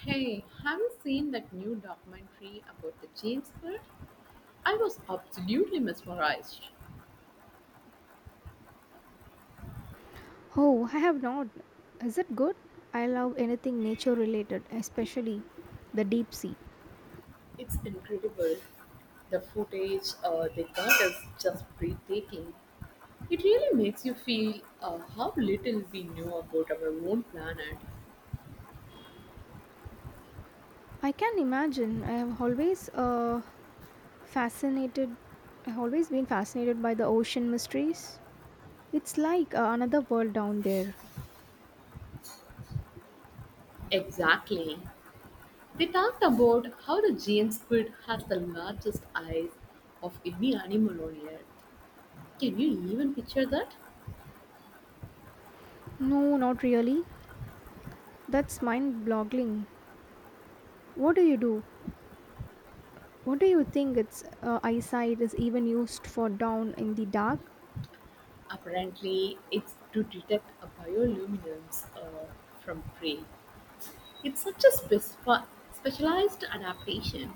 Hey, have you seen that new documentary about the James Bird? I was absolutely mesmerized. Oh, I have not. Is it good? I love anything nature related, especially the deep sea. It's incredible. The footage they got is just breathtaking. It really makes you feel how little we know about our own planet. I can imagine. I have always fascinated. I've always been fascinated by the ocean mysteries. It's like another world down there. Exactly. They talked about how the James Squid has the largest eyes of any animal on Earth. Can you even picture that? No, not really. That's mind-boggling. What do you do? What do you think its eyesight is even used for down in the dark? Apparently, it's to detect a bioluminescence from prey. It's such a specialized adaptation.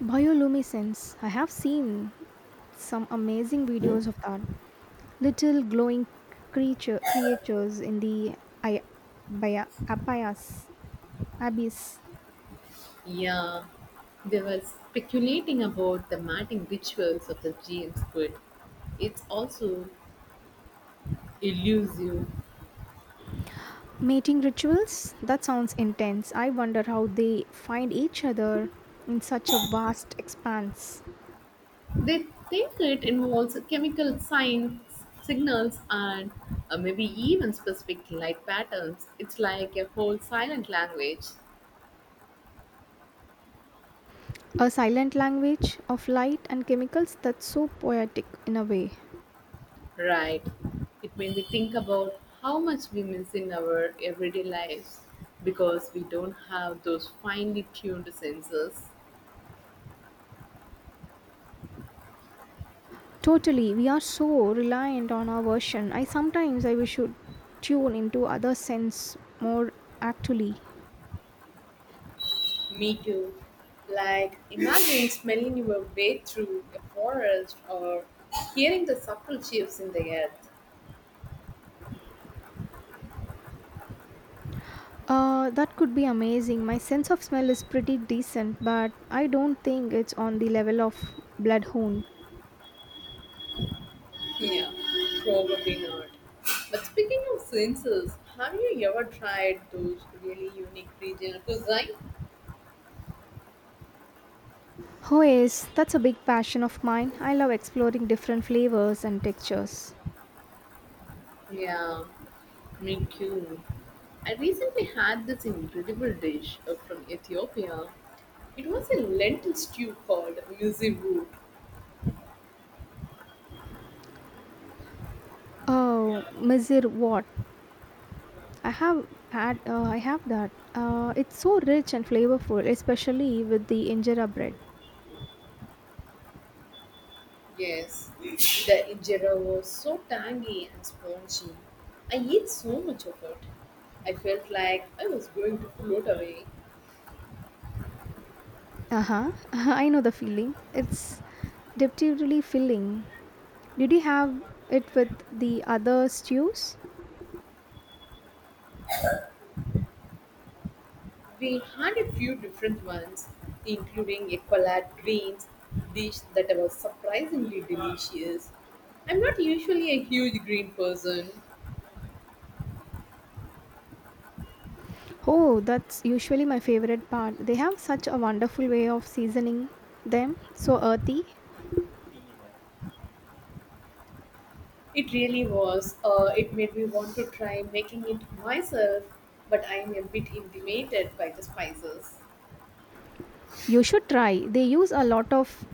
Bioluminescence. I have seen some amazing videos of that. Little glowing creatures in the I, by, abyss, abyss. Yeah, they were speculating about the mating rituals of the giant squid. It's also elusive. Mating rituals? That sounds intense. I wonder how they find each other in such a vast expanse. They think it involves signals, and maybe even specific light patterns. It's like a whole silent language. A silent language of light and chemicals, that's so poetic in a way. Right. It made me think about how much we miss in our everyday lives because we don't have those finely tuned senses. Totally, we are so reliant on our version. I sometimes I wish should tune into other sense more actually. Me too. Like, imagine smelling your way through a forest or hearing the subtle shifts in the earth. That could be amazing. My sense of smell is pretty decent, but I don't think it's on the level of bloodhound. Yeah, probably not. But speaking of senses, have you ever tried those really unique regional cuisine? Oh, yes, that's a big passion of mine. I love exploring different flavors and textures. Yeah, me too. I recently had this incredible dish from Ethiopia. It was a lentil stew called muziboot. Oh, Mizir what? I have that. It's so rich and flavorful, especially with the injera bread. Yes, the injera was so tangy and spongy. I ate so much of it. I felt like I was going to float away. Uh huh. I know the feeling. It's deceptively filling. Did you have it with the other stews? We had a few different ones, including a collard greens dish that was surprisingly delicious. I'm not usually a huge green person. Oh, that's usually my favorite part. They have such a wonderful way of seasoning them, so earthy. It really was. It made me want to try making it myself, but I am a bit intimidated by the spices. You should try. They use a lot of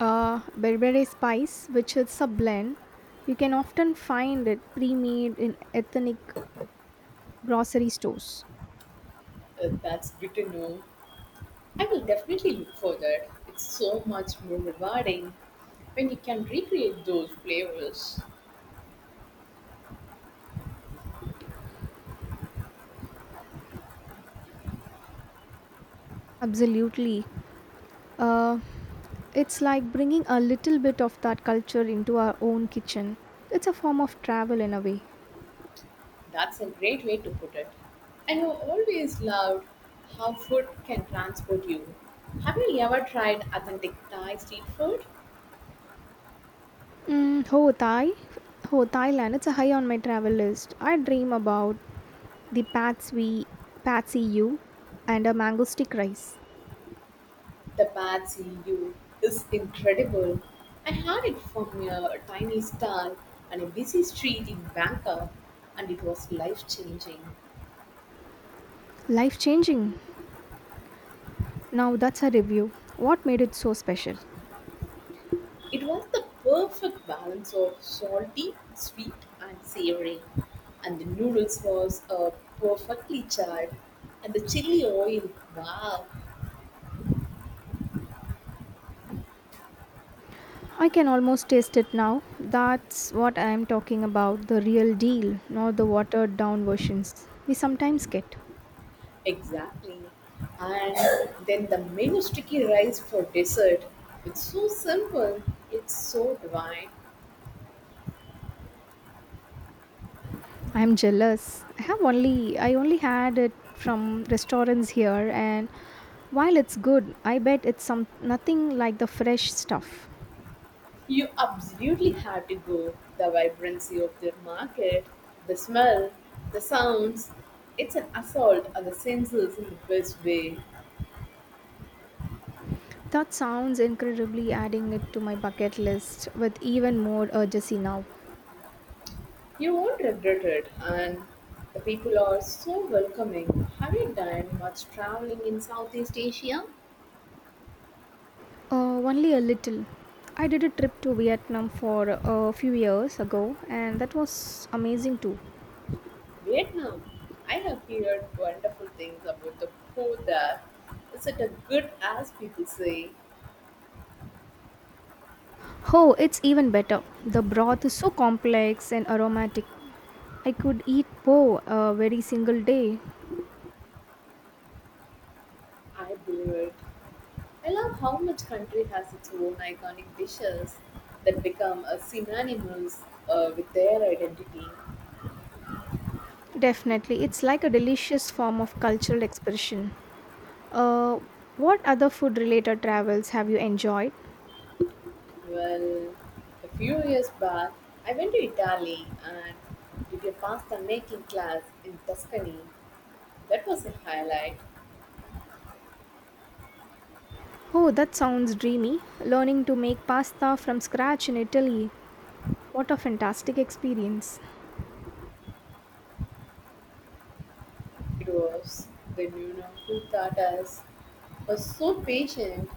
berbere spice, which is a blend. You can often find it pre made in ethnic grocery stores. That's good to know. I will definitely look for that. It's so much more rewarding when you can recreate those flavors. Absolutely. Uh, it's like bringing a little bit of that culture into our own kitchen. It's a form of travel in a way. That's a great way to put it. I have always loved how food can transport you. Have you ever tried authentic Thai street food? Mm, Ho Thai. Oh, Thailand. It's a high on my travel list. I dream about the patsy U, and a mango stick rice. The Patsy U is incredible. I had it from a tiny stall on a busy street in Bangkok, and it was life changing. Life changing. Now that's a review. What made it so special? It was the perfect balance of salty, sweet, and savory, and the noodles was perfectly charred, and the chili oil, wow, I can almost taste it now. That's what I am talking about, the real deal, not the watered down versions we sometimes get. exactly. And then the menu sticky rice for dessert. It's so simple, it's so divine. I am jealous. I have only I only had it from restaurants here and while it's good, I bet it's some nothing like the fresh stuff. You absolutely have to go. The vibrancy of their market, the smell, the sounds. It's an assault on the senses in the best way. That sounds incredibly, adding it to my bucket list with even more urgency now. You won't regret it, and the people are so welcoming. Have you done much traveling in Southeast Asia? Only a little. I did a trip to Vietnam for a few years ago and that was amazing too. Vietnam. I have heard wonderful things about the food there. Is it as good as people say? Oh, it's even better. The broth is so complex and aromatic. I could eat po a very single day. I believe it. I love how much country has its own iconic dishes that become synonymous with their identity. Definitely, it's like a delicious form of cultural expression. Uh, what other food related travels have you enjoyed? Well, a few years back, I went to Italy and did a pasta making class in Tuscany. That was a highlight. Oh, that sounds dreamy. Learning to make pasta from scratch in Italy. What a fantastic experience. It was the who taught us was so patient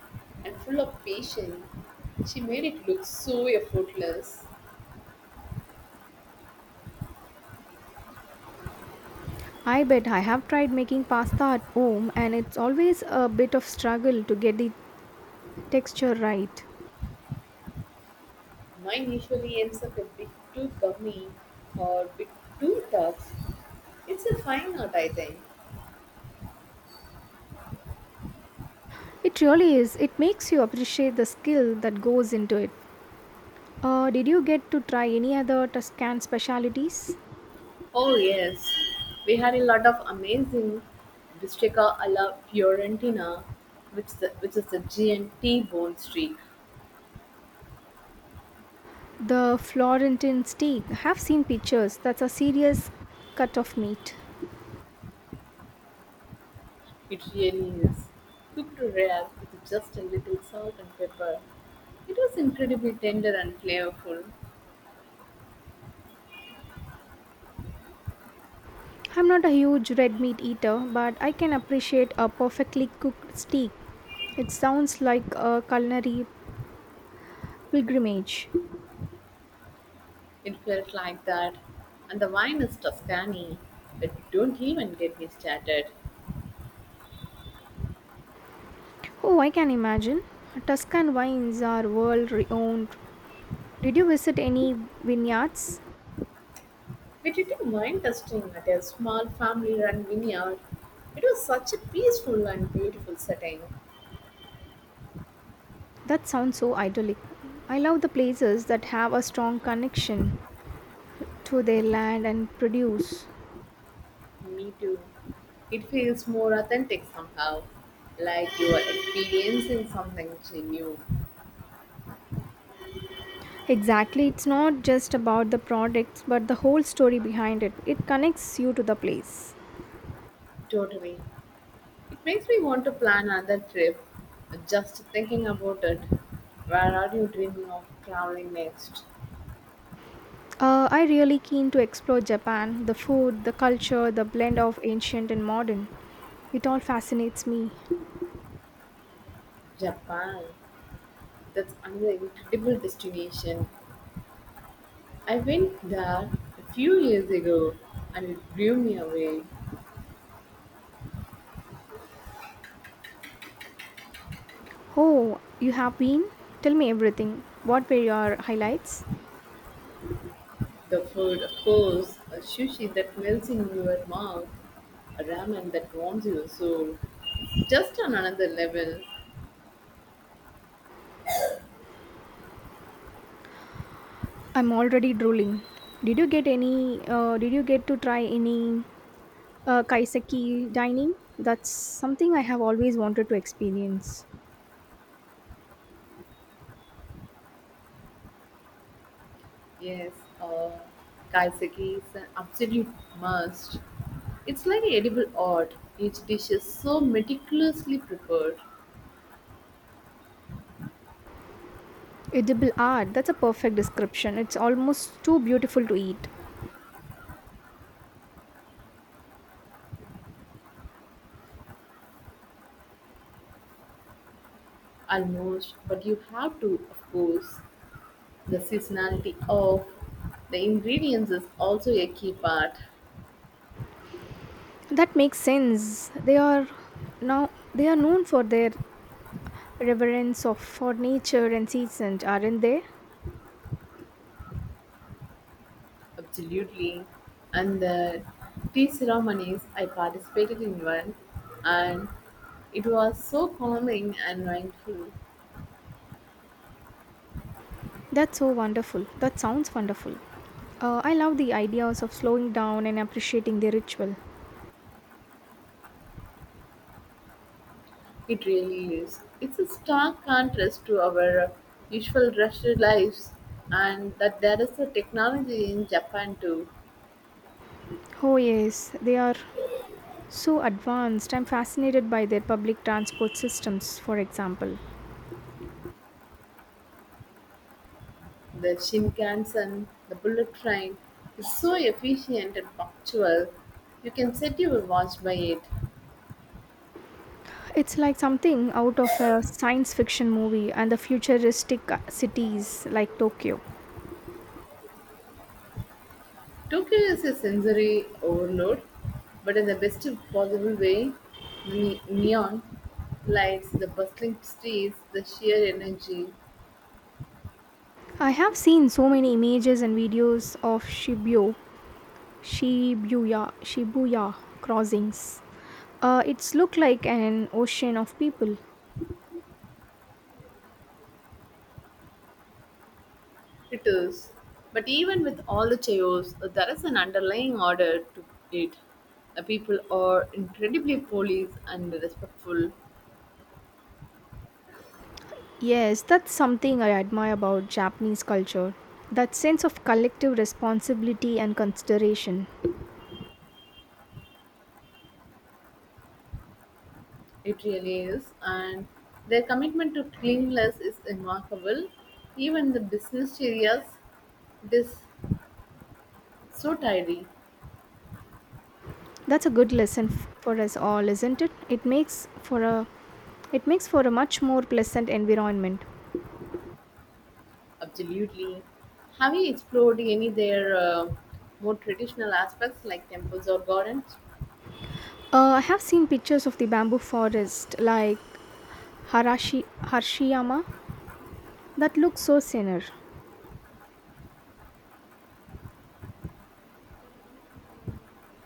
and full of patience. She made it look so effortless. I bet I have tried making pasta at home and it's always a bit of struggle to get the texture right. Mine usually ends up a bit too gummy or bit too tough. It's a fine art, I think. It really is. It makes you appreciate the skill that goes into it. Did you get to try any other Tuscan specialities? Oh, yes. We had a lot of amazing bistecca alla Fiorentina, which is a giant T-bone steak. The Florentine steak. I have seen pictures. That's a serious cut of meat. It really is. Cooked rare with just a little salt and pepper. It was incredibly tender and flavorful. I'm not a huge red meat eater, but I can appreciate a perfectly cooked steak. It sounds like a culinary pilgrimage. It felt like that. And the wine is Tuscany, but don't even get me started. Oh, I can imagine. Tuscan wines are world renowned. Did you visit any vineyards? We did a wine tasting at a small family run vineyard. It was such a peaceful and beautiful setting. That sounds so idyllic. I love the places that have a strong connection to their land and produce. Me too. It feels more authentic somehow, like you are experiencing something new. Exactly, it's not just about the products, but the whole story behind it. It connects you to the place. Totally. It makes me want to plan another trip, just thinking about it. Where are you dreaming of traveling next? I really keen to explore Japan, the food, the culture, the blend of ancient and modern. It all fascinates me. Japan. That's another incredible destination. I went there a few years ago and it blew me away. Oh, you have been? Tell me everything. What were your highlights? The food, of course, a sushi that melts in your mouth, a ramen that warms your soul. Just on another level, I'm already drooling. Did you get to try any kaiseki dining? That's something I have always wanted to experience. yes, uh, kaiseki is an absolute must. It's like edible art. Each dish is so meticulously prepared, Edible art. That's a perfect description. It's almost too beautiful to eat. almost, but you have to, of course. The seasonality of the ingredients is also a key part. That makes sense. They are Now they are known for their reverence of for nature and seasons, aren't they? Absolutely. And the tea ceremonies, I participated in one, and it was so calming and mindful. That's so wonderful. That sounds wonderful. I love the ideas of slowing down and appreciating the ritual. It really is. It's a stark contrast to our usual rushed lives, and that there is a technology in Japan too. Oh, yes, they are so advanced. I'm fascinated by their public transport systems, for example. The Shinkansen, the bullet train, is so efficient and punctual. You can set your watch by it. It's like something out of a science fiction movie, and the futuristic cities like Tokyo. Tokyo is a sensory overload, but in the best possible way. The neon lights, the bustling streets, the sheer energy. I have seen so many images and videos of Shibuya crossings. It's look like an ocean of people. It is. But even with all the chaos, there is an underlying order to it. The people are incredibly polite and respectful. Yes, that's something I admire about Japanese culture. That sense of collective responsibility and consideration. It really is. And their commitment to cleanliness is remarkable. Even the business areas, it is so tidy. That's a good lesson for us all, isn't it? It makes for a much more pleasant environment. Absolutely. Have you explored any their more traditional aspects like temples or gardens? I have seen pictures of the bamboo forest like Harashi Harshiyama that look so serene.